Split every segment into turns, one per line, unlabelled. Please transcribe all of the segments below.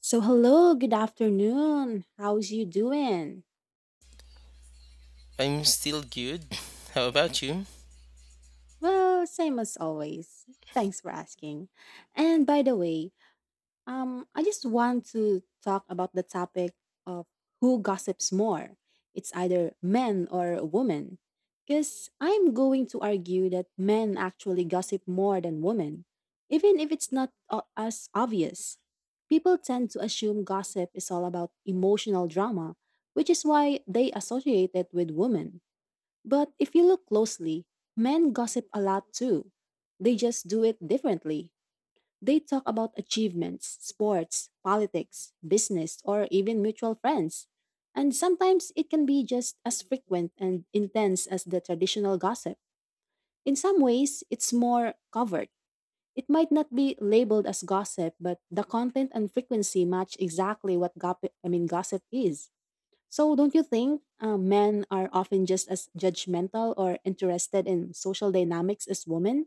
So, hello, good afternoon. How's you doing?
I'm still good. How about you?
Well, same as always. Thanks for asking. And by the way, I just want to talk about the topic of who gossips more. It's either men or women. Because I'm going to argue that men actually gossip more than women, even if it's not as obvious. People tend to assume gossip is all about emotional drama, which is why they associate it with women. But if you look closely, men gossip a lot too. They just do it differently. They talk about achievements, sports, politics, business, or even mutual friends. And sometimes it can be just as frequent and intense as the traditional gossip. In some ways, it's more covered. It might not be labeled as gossip, but the content and frequency match exactly what gossip is. So don't you think men are often just as judgmental or interested in social dynamics as women,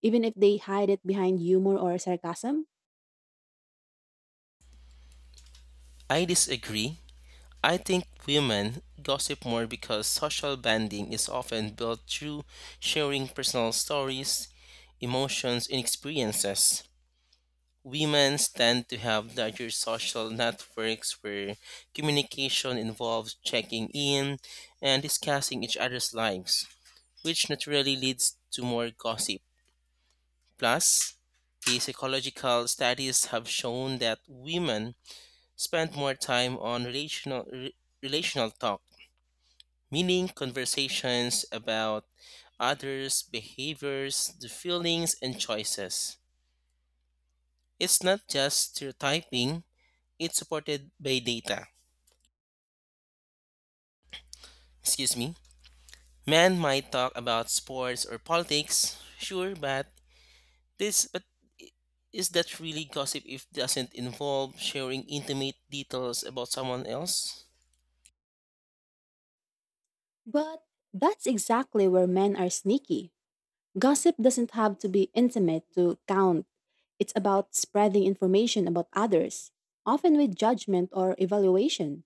even if they hide it behind humor or sarcasm?
I disagree. I think women gossip more because social bonding is often built through sharing personal stories, emotions, and experiences. Women tend to have larger social networks where communication involves checking in and discussing each other's lives, which naturally leads to more gossip. Plus, the psychological studies have shown that women spent more time on relational talk, meaning conversations about others' behaviors, the feelings and choices. It's not just stereotyping, it's supported by data. Excuse me. Men might talk about sports or politics, sure, but this but is that really gossip if it doesn't involve sharing intimate details about someone else?
But that's exactly where men are sneaky. Gossip doesn't have to be intimate to count. It's about spreading information about others, often with judgment or evaluation.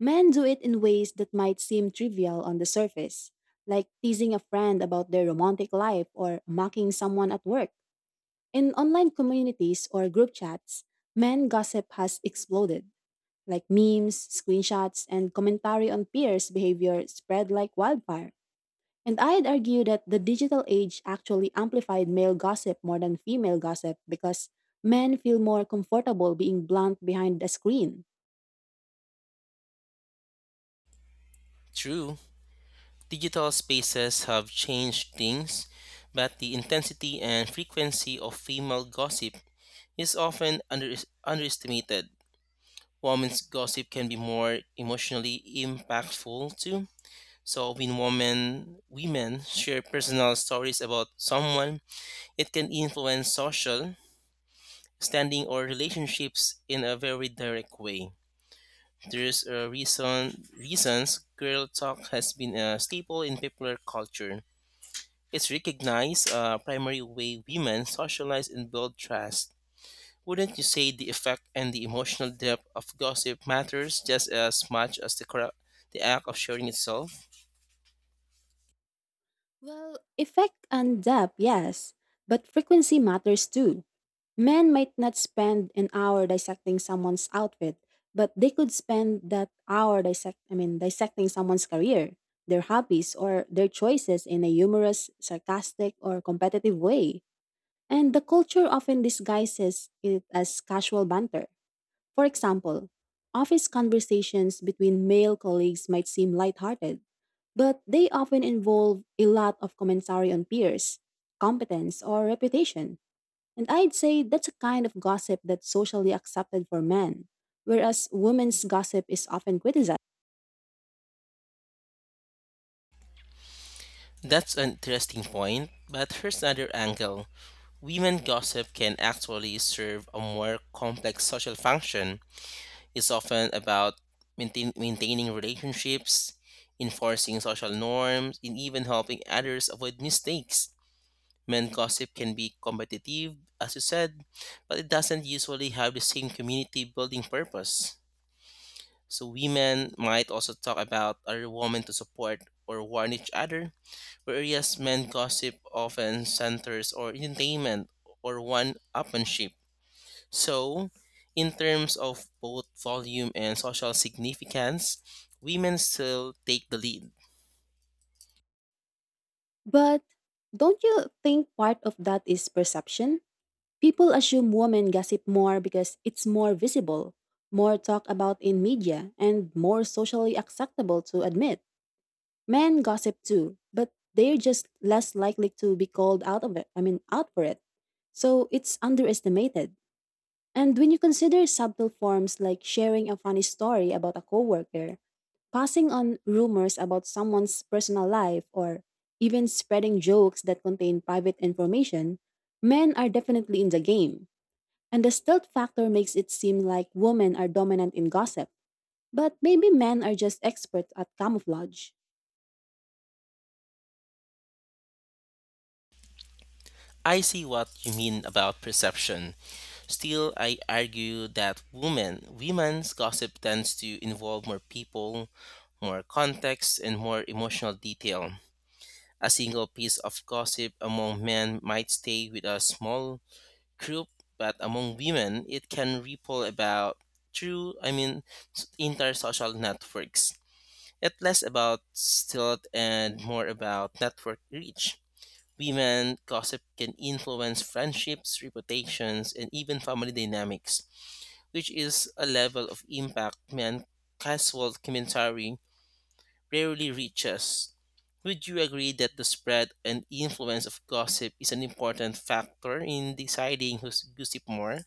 Men do it in ways that might seem trivial on the surface, like teasing a friend about their romantic life or mocking someone at work. In online communities or group chats, men gossip has exploded, like memes, screenshots, and commentary on peers' behavior spread like wildfire. And I'd argue that the digital age actually amplified male gossip more than female gossip because men feel more comfortable being blunt behind a screen.
True. Digital spaces have changed things, but the intensity and frequency of female gossip is often underestimated. Women's gossip can be more emotionally impactful too. So when women share personal stories about someone, it can influence social standing or relationships in a very direct way. There's a reasons girl talk has been a staple in popular culture. It's recognized a primary way women socialize and build trust. Wouldn't you say the effect and the emotional depth of gossip matters just as much as the act of sharing itself?
Well, effect and depth, yes, but frequency matters too. Men might not spend an hour dissecting someone's outfit, but they could spend that hour dissecting someone's career, their hobbies or their choices in a humorous, sarcastic or competitive way. And the culture often disguises it as casual banter. For example, office conversations between male colleagues might seem lighthearted, but they often involve a lot of commentary on peers, competence, or reputation. And I'd say that's a kind of gossip that's socially accepted for men, whereas women's gossip is often criticized.
That's an interesting point, but here's another angle. Women gossip can actually serve a more complex social function. It's often about maintaining relationships, enforcing social norms, and even helping others avoid mistakes. Men gossip can be competitive, as you said, but it doesn't usually have the same community building purpose. So women might also talk about other women to support or warn each other, whereas men gossip often centers on entertainment or one-upmanship. So, in terms of both volume and social significance, women still take the lead.
But don't you think part of that is perception? People assume women gossip more because it's more visible, more talked about in media, and more socially acceptable to admit. Men gossip too, but they're just less likely to be called out of it, I mean, out for it. So it's underestimated. And when you consider subtle forms like sharing a funny story about a coworker, passing on rumors about someone's personal life, or even spreading jokes that contain private information, men are definitely in the game. And the stealth factor makes it seem like women are dominant in gossip, but maybe men are just experts at camouflage.
I see what you mean about perception. Still, I argue that women's gossip tends to involve more people, more context, and more emotional detail. A single piece of gossip among men might stay with a small group, but among women, it can ripple about through, I mean, s- entire social networks. It's less about stealth and more about network reach. Women gossip can influence friendships, reputations, and even family dynamics, which is a level of impact men casual commentary rarely reaches. Would you agree that the spread and influence of gossip is an important factor in deciding who's gossip more?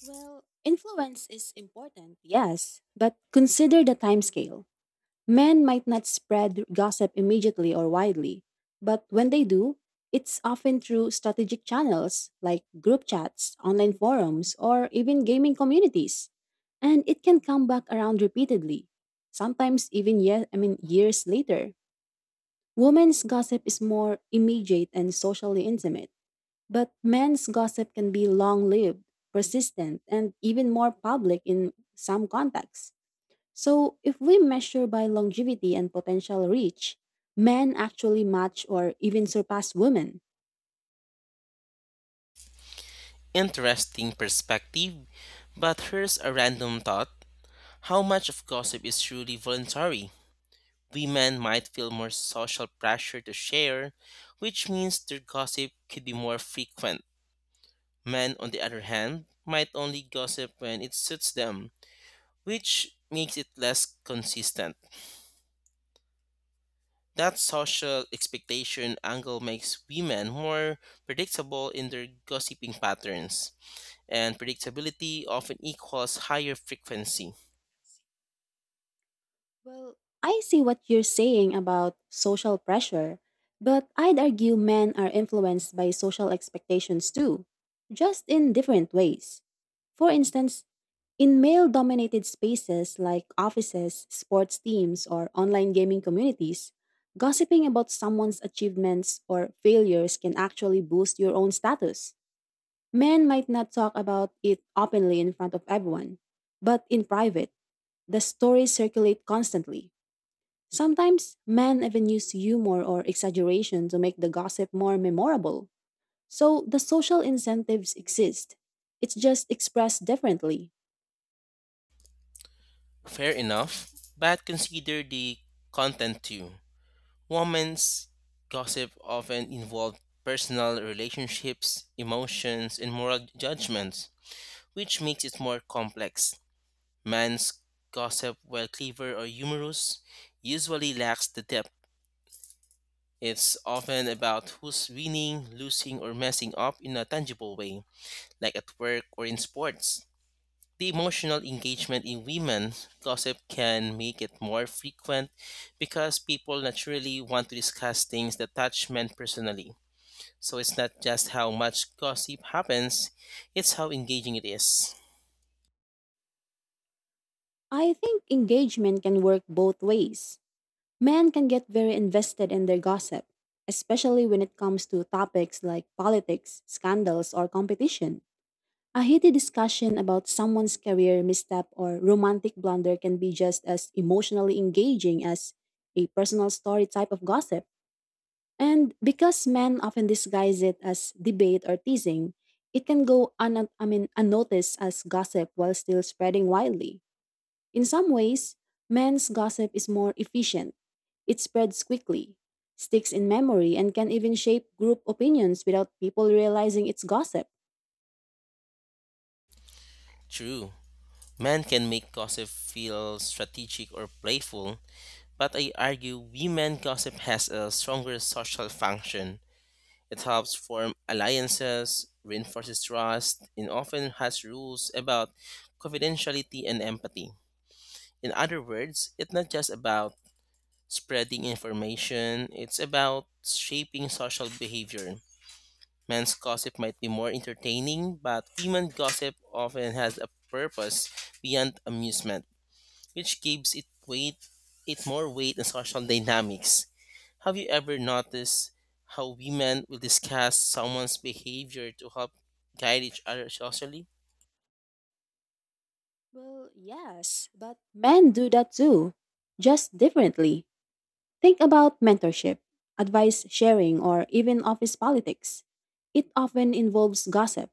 Well, influence is important, yes, but consider the timescale. Men might not spread gossip immediately or widely, but when they do, it's often through strategic channels like group chats, online forums, or even gaming communities. And it can come back around repeatedly, sometimes even years later. Women's gossip is more immediate and socially intimate, but men's gossip can be long lived, persistent, and even more public in some contexts. So, if we measure by longevity and potential reach, men actually match or even surpass women.
Interesting perspective, but here's a random thought. How much of gossip is truly voluntary? Women might feel more social pressure to share, which means their gossip could be more frequent. Men, on the other hand, might only gossip when it suits them, which makes it less consistent. That social expectation angle makes women more predictable in their gossiping patterns, and predictability often equals higher frequency.
Well, I see what you're saying about social pressure, but I'd argue men are influenced by social expectations too, just in different ways. For instance, in male dominated spaces like offices, sports teams, or online gaming communities, gossiping about someone's achievements or failures can actually boost your own status. Men might not talk about it openly in front of everyone, but in private, the stories circulate constantly. Sometimes men even use humor or exaggeration to make the gossip more memorable. So the social incentives exist, it's just expressed differently.
Fair enough, but consider the content too. Women's gossip often involved personal relationships, emotions, and moral judgments, which makes it more complex. Men's gossip, while clever or humorous, usually lacks the depth. It's often about who's winning, losing, or messing up in a tangible way, like at work or in sports. The emotional engagement in women's gossip can make it more frequent because people naturally want to discuss things that touch men personally. So it's not just how much gossip happens, it's how engaging it is.
I think engagement can work both ways. Men can get very invested in their gossip, especially when it comes to topics like politics, scandals, or competition. A heated discussion about someone's career misstep or romantic blunder can be just as emotionally engaging as a personal story type of gossip. And because men often disguise it as debate or teasing, it can go unnoticed as gossip while still spreading widely. In some ways, men's gossip is more efficient. It spreads quickly, sticks in memory, and can even shape group opinions without people realizing it's gossip.
True, men can make gossip feel strategic or playful, but I argue women gossip has a stronger social function. It helps form alliances, reinforces trust, and often has rules about confidentiality and empathy. In other words, it's not just about spreading information, it's about shaping social behavior. Men's gossip might be more entertaining, but women's gossip often has a purpose beyond amusement, which gives it weight it more weight in social dynamics. Have you ever noticed how women will discuss someone's behavior to help guide each other socially?
Well, yes, but men do that too, just differently. Think about mentorship, advice sharing, or even office politics. It often involves gossip.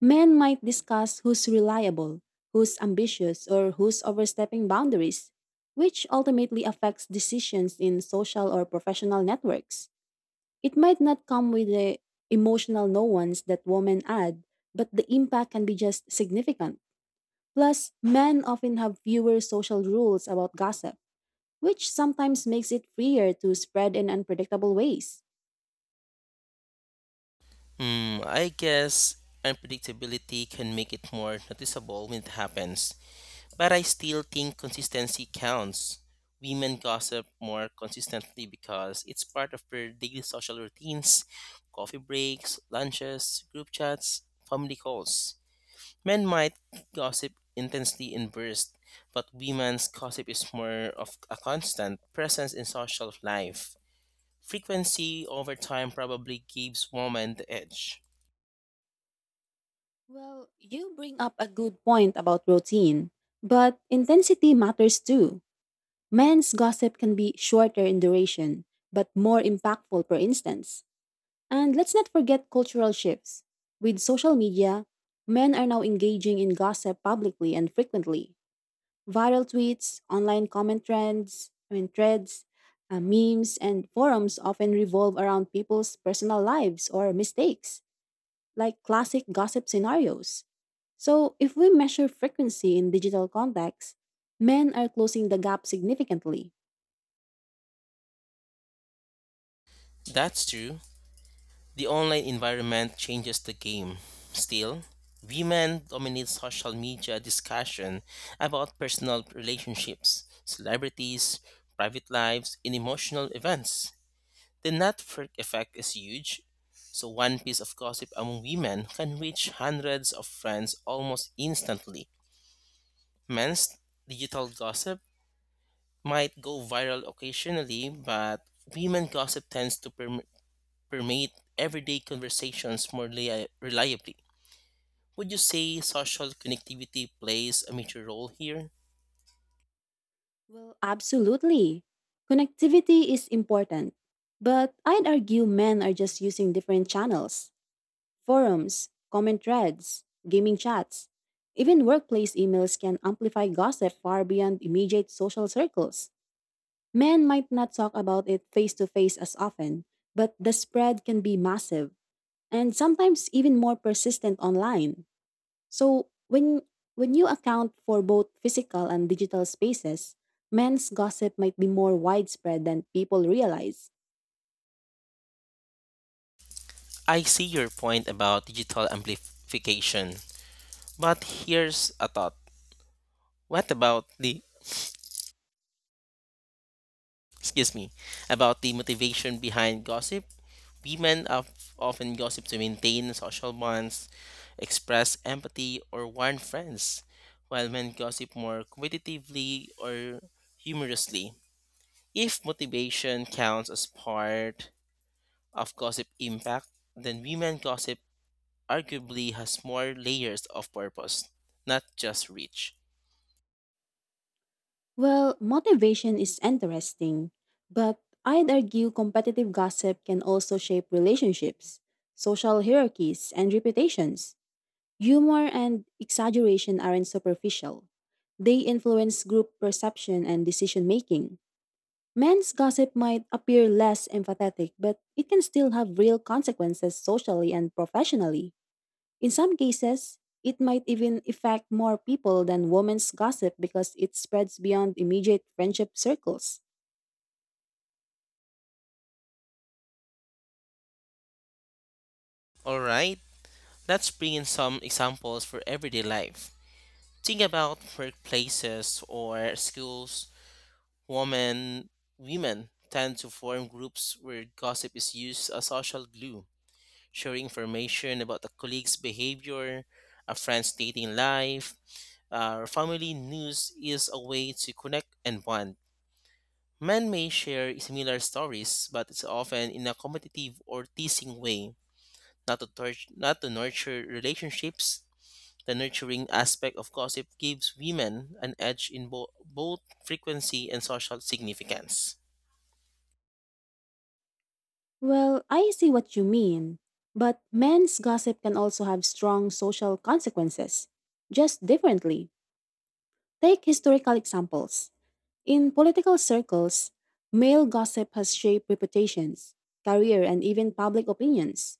Men might discuss who's reliable, who's ambitious, or who's overstepping boundaries, which ultimately affects decisions in social or professional networks. It might not come with the emotional nuance that women add, but the impact can be just significant. Plus, men often have fewer social rules about gossip, which sometimes makes it freer to spread in unpredictable ways.
I guess unpredictability can make it more noticeable when it happens. But I still think consistency counts. Women gossip more consistently because it's part of their daily social routines: coffee breaks, lunches, group chats, family calls. Men might gossip intensely in bursts, but women's gossip is more of a constant presence in social life. Frequency over time probably gives women the edge.
Well, you bring up a good point about routine, but intensity matters too. Men's gossip can be shorter in duration, but more impactful, for instance. And let's not forget cultural shifts. With social media, men are now engaging in gossip publicly and frequently. Viral tweets, online comment trends, I mean, threads, memes, and forums often revolve around people's personal lives or mistakes, like classic gossip scenarios. So, if we measure frequency in digital contexts, men are closing the gap significantly.
That's true. The online environment changes the game. Still, women dominate social media discussion about personal relationships, celebrities, private lives, and emotional events. The network effect is huge, so one piece of gossip among women can reach hundreds of friends almost instantly. Men's digital gossip might go viral occasionally, but women gossip tends to permeate everyday conversations more reliably. Would you say social connectivity plays a major role here?
Well, absolutely. Connectivity is important, but I'd argue men are just using different channels: forums, comment threads, gaming chats. Even workplace emails can amplify gossip far beyond immediate social circles. Men might not talk about it face to face as often, but the spread can be massive and sometimes even more persistent online. So when you account for both physical and digital spaces, men's gossip might be more widespread than people realize.
I see your point about digital amplification, but here's a thought. What about excuse me, about the motivation behind gossip? Women of often gossip to maintain social bonds, express empathy, or warn friends, while men gossip more competitively or humorously. If motivation counts as part of gossip impact, then women gossip arguably has more layers of purpose, not just reach.
Well, motivation is interesting, but I'd argue competitive gossip can also shape relationships, social hierarchies, and reputations. Humor and exaggeration aren't superficial. They influence group perception and decision making. Men's gossip might appear less empathetic, but it can still have real consequences socially and professionally. In some cases, it might even affect more people than women's gossip because it spreads beyond immediate friendship circles.
Alright, let's bring in some examples for everyday life. Think about workplaces or schools. Women, women tend to form groups where gossip is used as social glue, sharing information about a colleague's behavior, a friend's dating life, family news is a way to connect and bond. Men may share similar stories, but it's often in a competitive or teasing way, not to nurture relationships. The nurturing aspect of gossip gives women an edge in both frequency and social significance.
Well, I see what you mean. But men's gossip can also have strong social consequences, just differently. Take historical examples. In political circles, male gossip has shaped reputations, career, and even public opinions.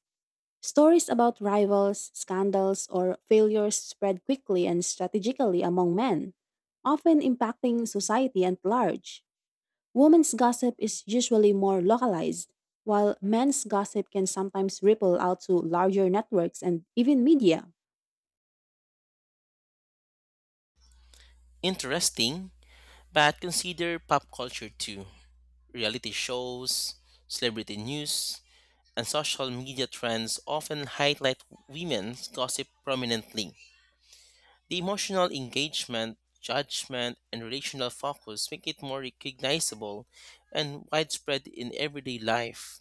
Stories about rivals, scandals, or failures spread quickly and strategically among men, often impacting society at large. Women's gossip is usually more localized, while men's gossip can sometimes ripple out to larger networks and even media.
Interesting, but consider pop culture too. Reality shows, celebrity news, and social media trends often highlight women's gossip prominently. The emotional engagement, judgment, and relational focus make it more recognizable and widespread in everyday life.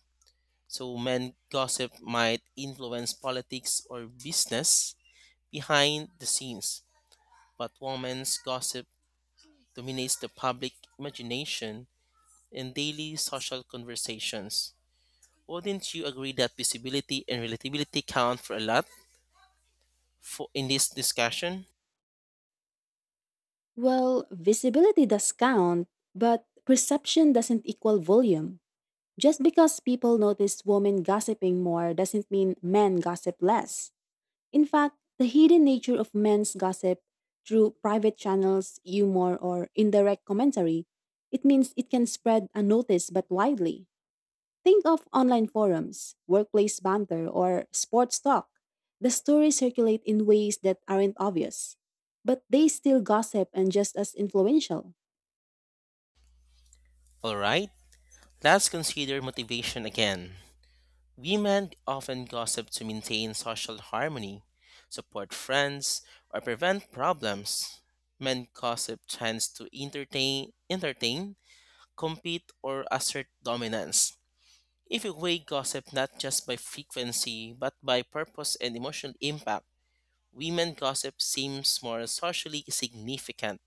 So, men gossip might influence politics or business behind the scenes, but women's gossip dominates the public imagination in daily social conversations. Wouldn't you agree that visibility and relatability count for a lot for in this discussion?
Well, visibility does count, but perception doesn't equal volume. Just because people notice women gossiping more doesn't mean men gossip less. In fact, the hidden nature of men's gossip through private channels, humor, or indirect commentary, it means it can spread unnoticed but widely. Think of online forums, workplace banter, or sports talk. The stories circulate in ways that aren't obvious, but they still gossip and just as influential.
All right, let's consider motivation again. Women often gossip to maintain social harmony, support friends, or prevent problems. Men gossip tends to entertain, compete, or assert dominance. If you weigh gossip not just by frequency but by purpose and emotional impact, women gossip seems more socially significant.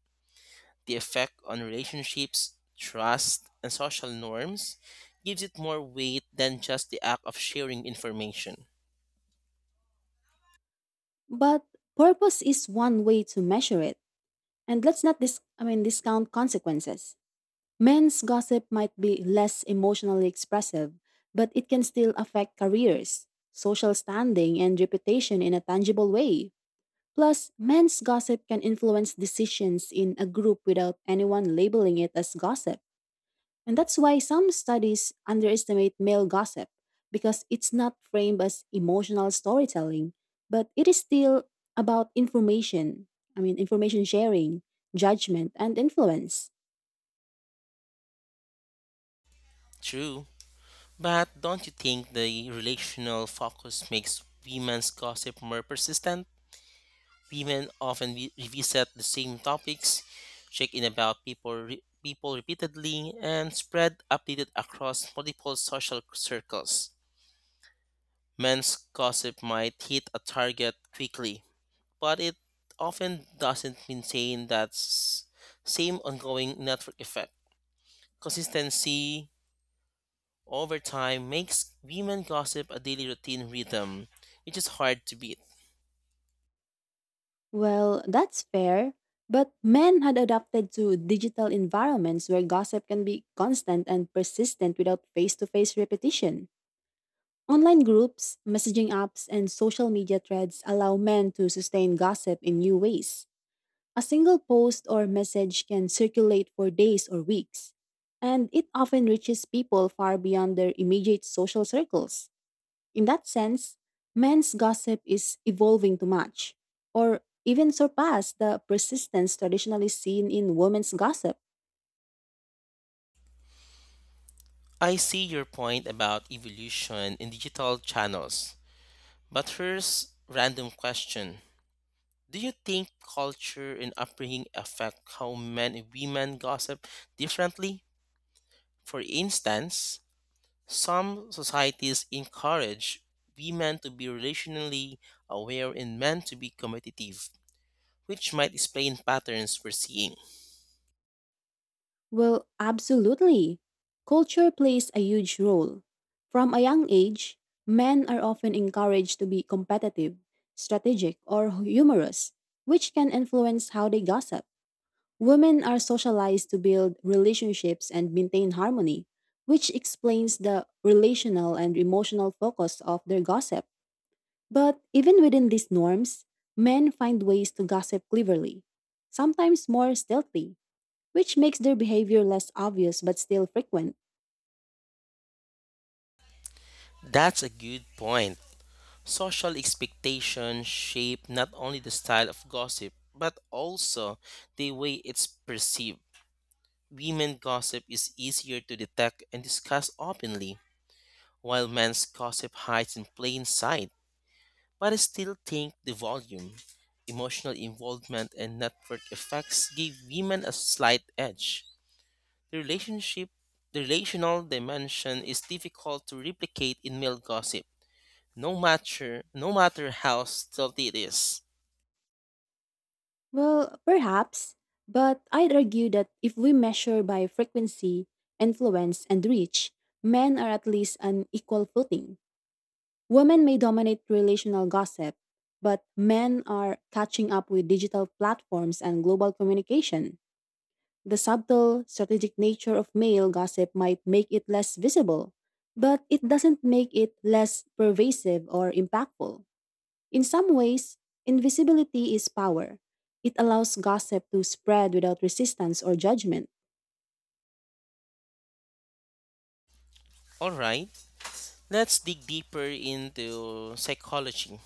The effect on relationships, trust, and social norms gives it more weight than just the act of sharing information.
But purpose is one way to measure it. And let's not discount consequences. Men's gossip might be less emotionally expressive, but it can still affect careers, social standing, and reputation in a tangible way. Plus, men's gossip can influence decisions in a group without anyone labeling it as gossip. And that's why some studies underestimate male gossip because it's not framed as emotional storytelling, but it is still about information sharing, judgment, and influence.
True, but don't you think the relational focus makes women's gossip more persistent? Women often revisit the same topics, check in about people repeatedly, and spread updated across multiple social circles. Men's gossip might hit a target quickly, but it often doesn't maintain that same ongoing network effect. Consistency over time makes women gossip a daily routine rhythm, which is hard to beat.
Well, that's fair, but men had adapted to digital environments where gossip can be constant and persistent without face to face repetition. Online groups, messaging apps, and social media threads allow men to sustain gossip in new ways. A single post or message can circulate for days or weeks, and it often reaches people far beyond their immediate social circles. In that sense, men's gossip is evolving to match, or even surpass the persistence traditionally seen in women's gossip.
I see your point about evolution in digital channels, but here's random question. Do you think culture and upbringing affect how men and women gossip differently? For instance, some societies encourage women to be relationally aware and men to be competitive, which might explain patterns we're seeing.
Well, absolutely. Culture plays a huge role. From a young age, men are often encouraged to be competitive, strategic, or humorous, which can influence how they gossip. Women are socialized to build relationships and maintain harmony, which explains the relational and emotional focus of their gossip. But even within these norms, men find ways to gossip cleverly, sometimes more stealthy, which makes their behavior less obvious but still frequent.
That's a good point. Social expectations shape not only the style of gossip, but also the way it's perceived. Women gossip is easier to detect and discuss openly, while men's gossip hides in plain sight. But I still think the volume, emotional involvement, and network effects give women a slight edge. The relationship, the relational dimension is difficult to replicate in male gossip, no matter how stealthy it is.
Well, perhaps, but I'd argue that if we measure by frequency, influence, and reach, men are at least on equal footing. Women may dominate relational gossip, but men are catching up with digital platforms and global communication. The subtle, strategic nature of male gossip might make it less visible, but it doesn't make it less pervasive or impactful. In some ways, invisibility is power. It allows gossip to spread without resistance or judgment.
All right, let's dig deeper into psychology.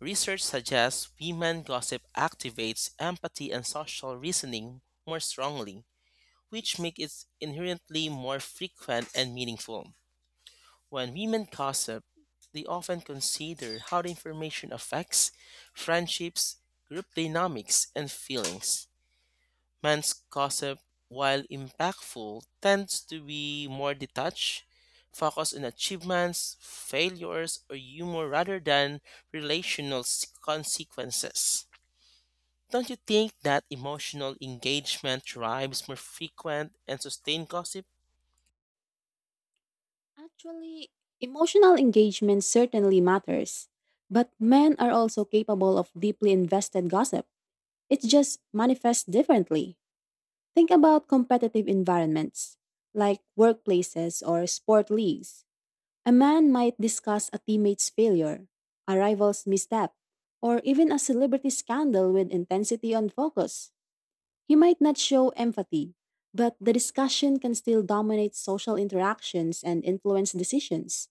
Research suggests women gossip activates empathy and social reasoning more strongly, which makes it inherently more frequent and meaningful. When women gossip, they often consider how the information affects friendships, group dynamics, and feelings. Men's gossip, while impactful, tends to be more detached, focused on achievements, failures, or humor rather than consequences. Don't you think that emotional engagement drives more frequent and sustained gossip?
Actually, emotional engagement certainly matters, but men are also capable of deeply invested gossip. It just manifests differently. Think about competitive environments, like workplaces or sport leagues. A man might discuss a teammate's failure, a rival's misstep, or even a celebrity scandal with intensity and focus. He might not show empathy, but the discussion can still dominate social interactions and influence decisions.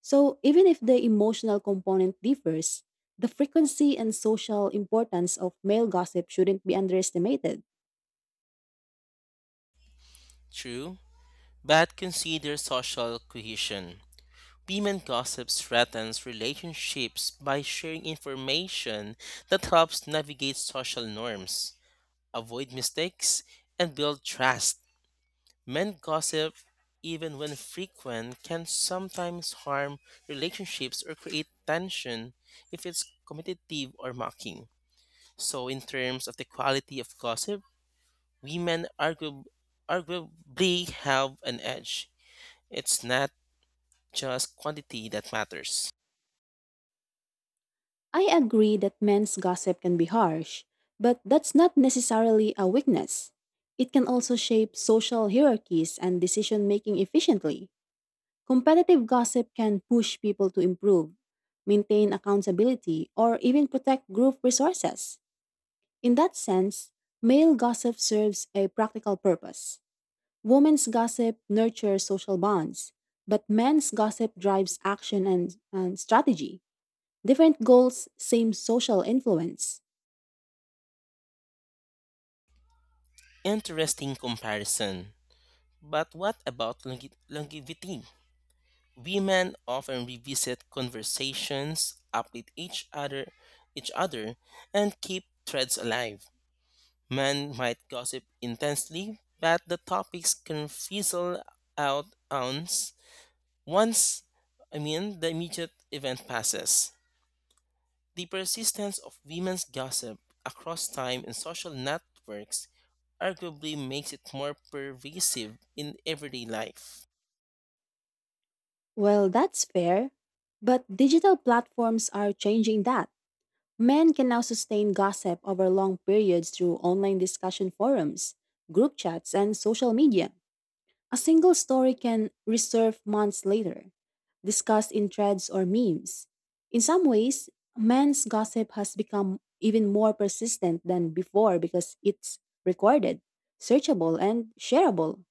So, even if the emotional component differs, the frequency and social importance of male gossip shouldn't be underestimated.
True, but consider social cohesion. Women gossip threatens relationships by sharing information that helps navigate social norms, avoid mistakes, and build trust. Men gossip, even when frequent, can sometimes harm relationships or create tension if it's competitive or mocking. So, in terms of the quality of gossip, women arguably have an edge. It's not just quantity that matters.
I agree that men's gossip can be harsh, but that's not necessarily a weakness. It can also shape social hierarchies and decision making efficiently. Competitive gossip can push people to improve, maintain accountability, or even protect group resources. In that sense, male gossip serves a practical purpose. Women's gossip nurtures social bonds, but men's gossip drives action and strategy. Different goals, same social influence.
Interesting comparison. But what about longevity? Women often revisit conversations, each other, and keep threads alive. Men might gossip intensely, but the topics can fizzle out once the immediate event passes. The persistence of women's gossip across time and social networks arguably makes it more pervasive in everyday life.
Well, that's fair, but digital platforms are changing that. Men can now sustain gossip over long periods through online discussion forums, group chats, and social media. A single story can resurf months later, discussed in threads or memes. In some ways, men's gossip has become even more persistent than before because it's recorded, searchable, and shareable.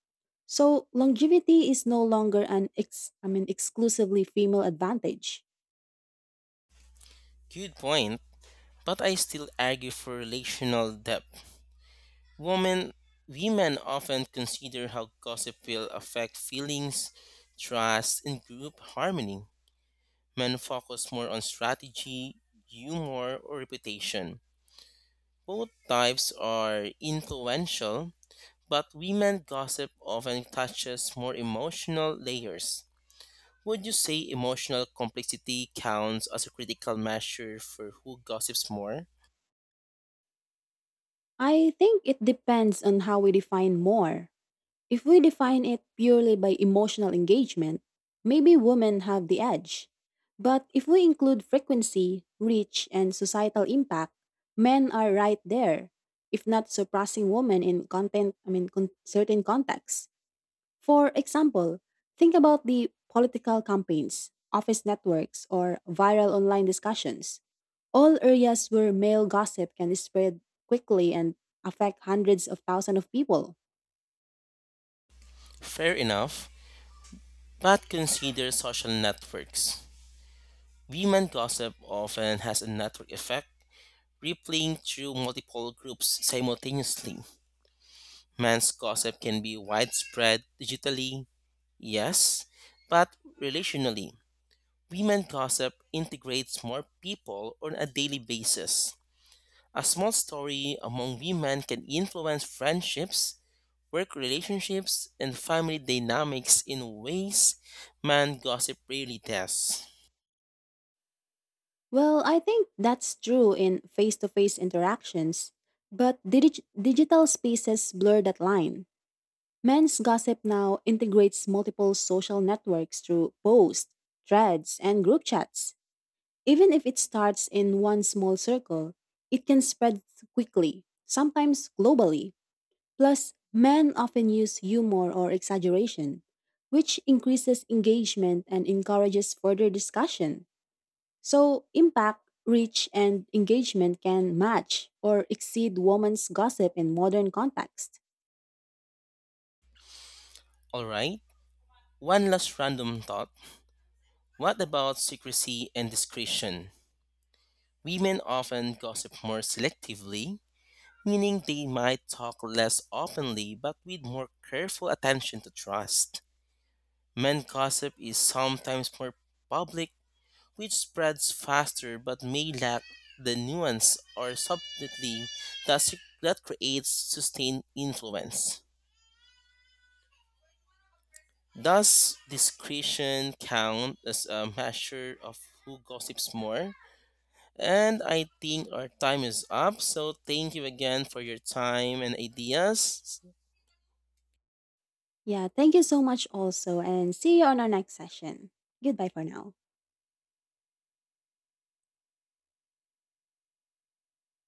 So longevity is no longer an ex- I mean exclusively female advantage.
Good point, but I still argue for relational depth. Women, women often consider how gossip will affect feelings, trust, and group harmony. Men focus more on strategy, humor, or reputation. Both types are influential, but women gossip often touches more emotional layers. Would you say emotional complexity counts as a critical measure for who gossips more?
I think it depends on how we define more. If we define it purely by emotional engagement, maybe women have the edge. But if we include frequency, reach, and societal impact, men are right there, if not surpassing women in content, I mean, con- certain contexts. For example, think about the political campaigns, office networks, or viral online discussions. All areas where male gossip can spread quickly and affect hundreds of thousands of people.
Fair enough, but consider social networks. Women gossip often has a network effect, replaying through multiple groups simultaneously. Men's gossip can be widespread digitally, yes, but relationally. Women gossip integrates more people on a daily basis. A small story among women can influence friendships, work relationships, and family dynamics in ways man gossip rarely does.
Well, I think that's true in face to face interactions, but digital spaces blur that line. Men's gossip now integrates multiple social networks through posts, threads, and group chats. Even if it starts in one small circle, it can spread quickly, sometimes globally. Plus, men often use humor or exaggeration, which increases engagement and encourages further discussion. So, impact, reach, and engagement can match or exceed women's gossip in modern context.
Alright, one last random thought. What about secrecy and discretion? Women often gossip more selectively, meaning they might talk less openly but with more careful attention to trust. Men gossip is sometimes more public, which spreads faster but may lack the nuance or subtlety that creates sustained influence. Does discretion count as a measure of who gossips more? And I think our time is up. So thank you again for your time and ideas.
Yeah, thank you so much also, and see you on our next session. Goodbye for now.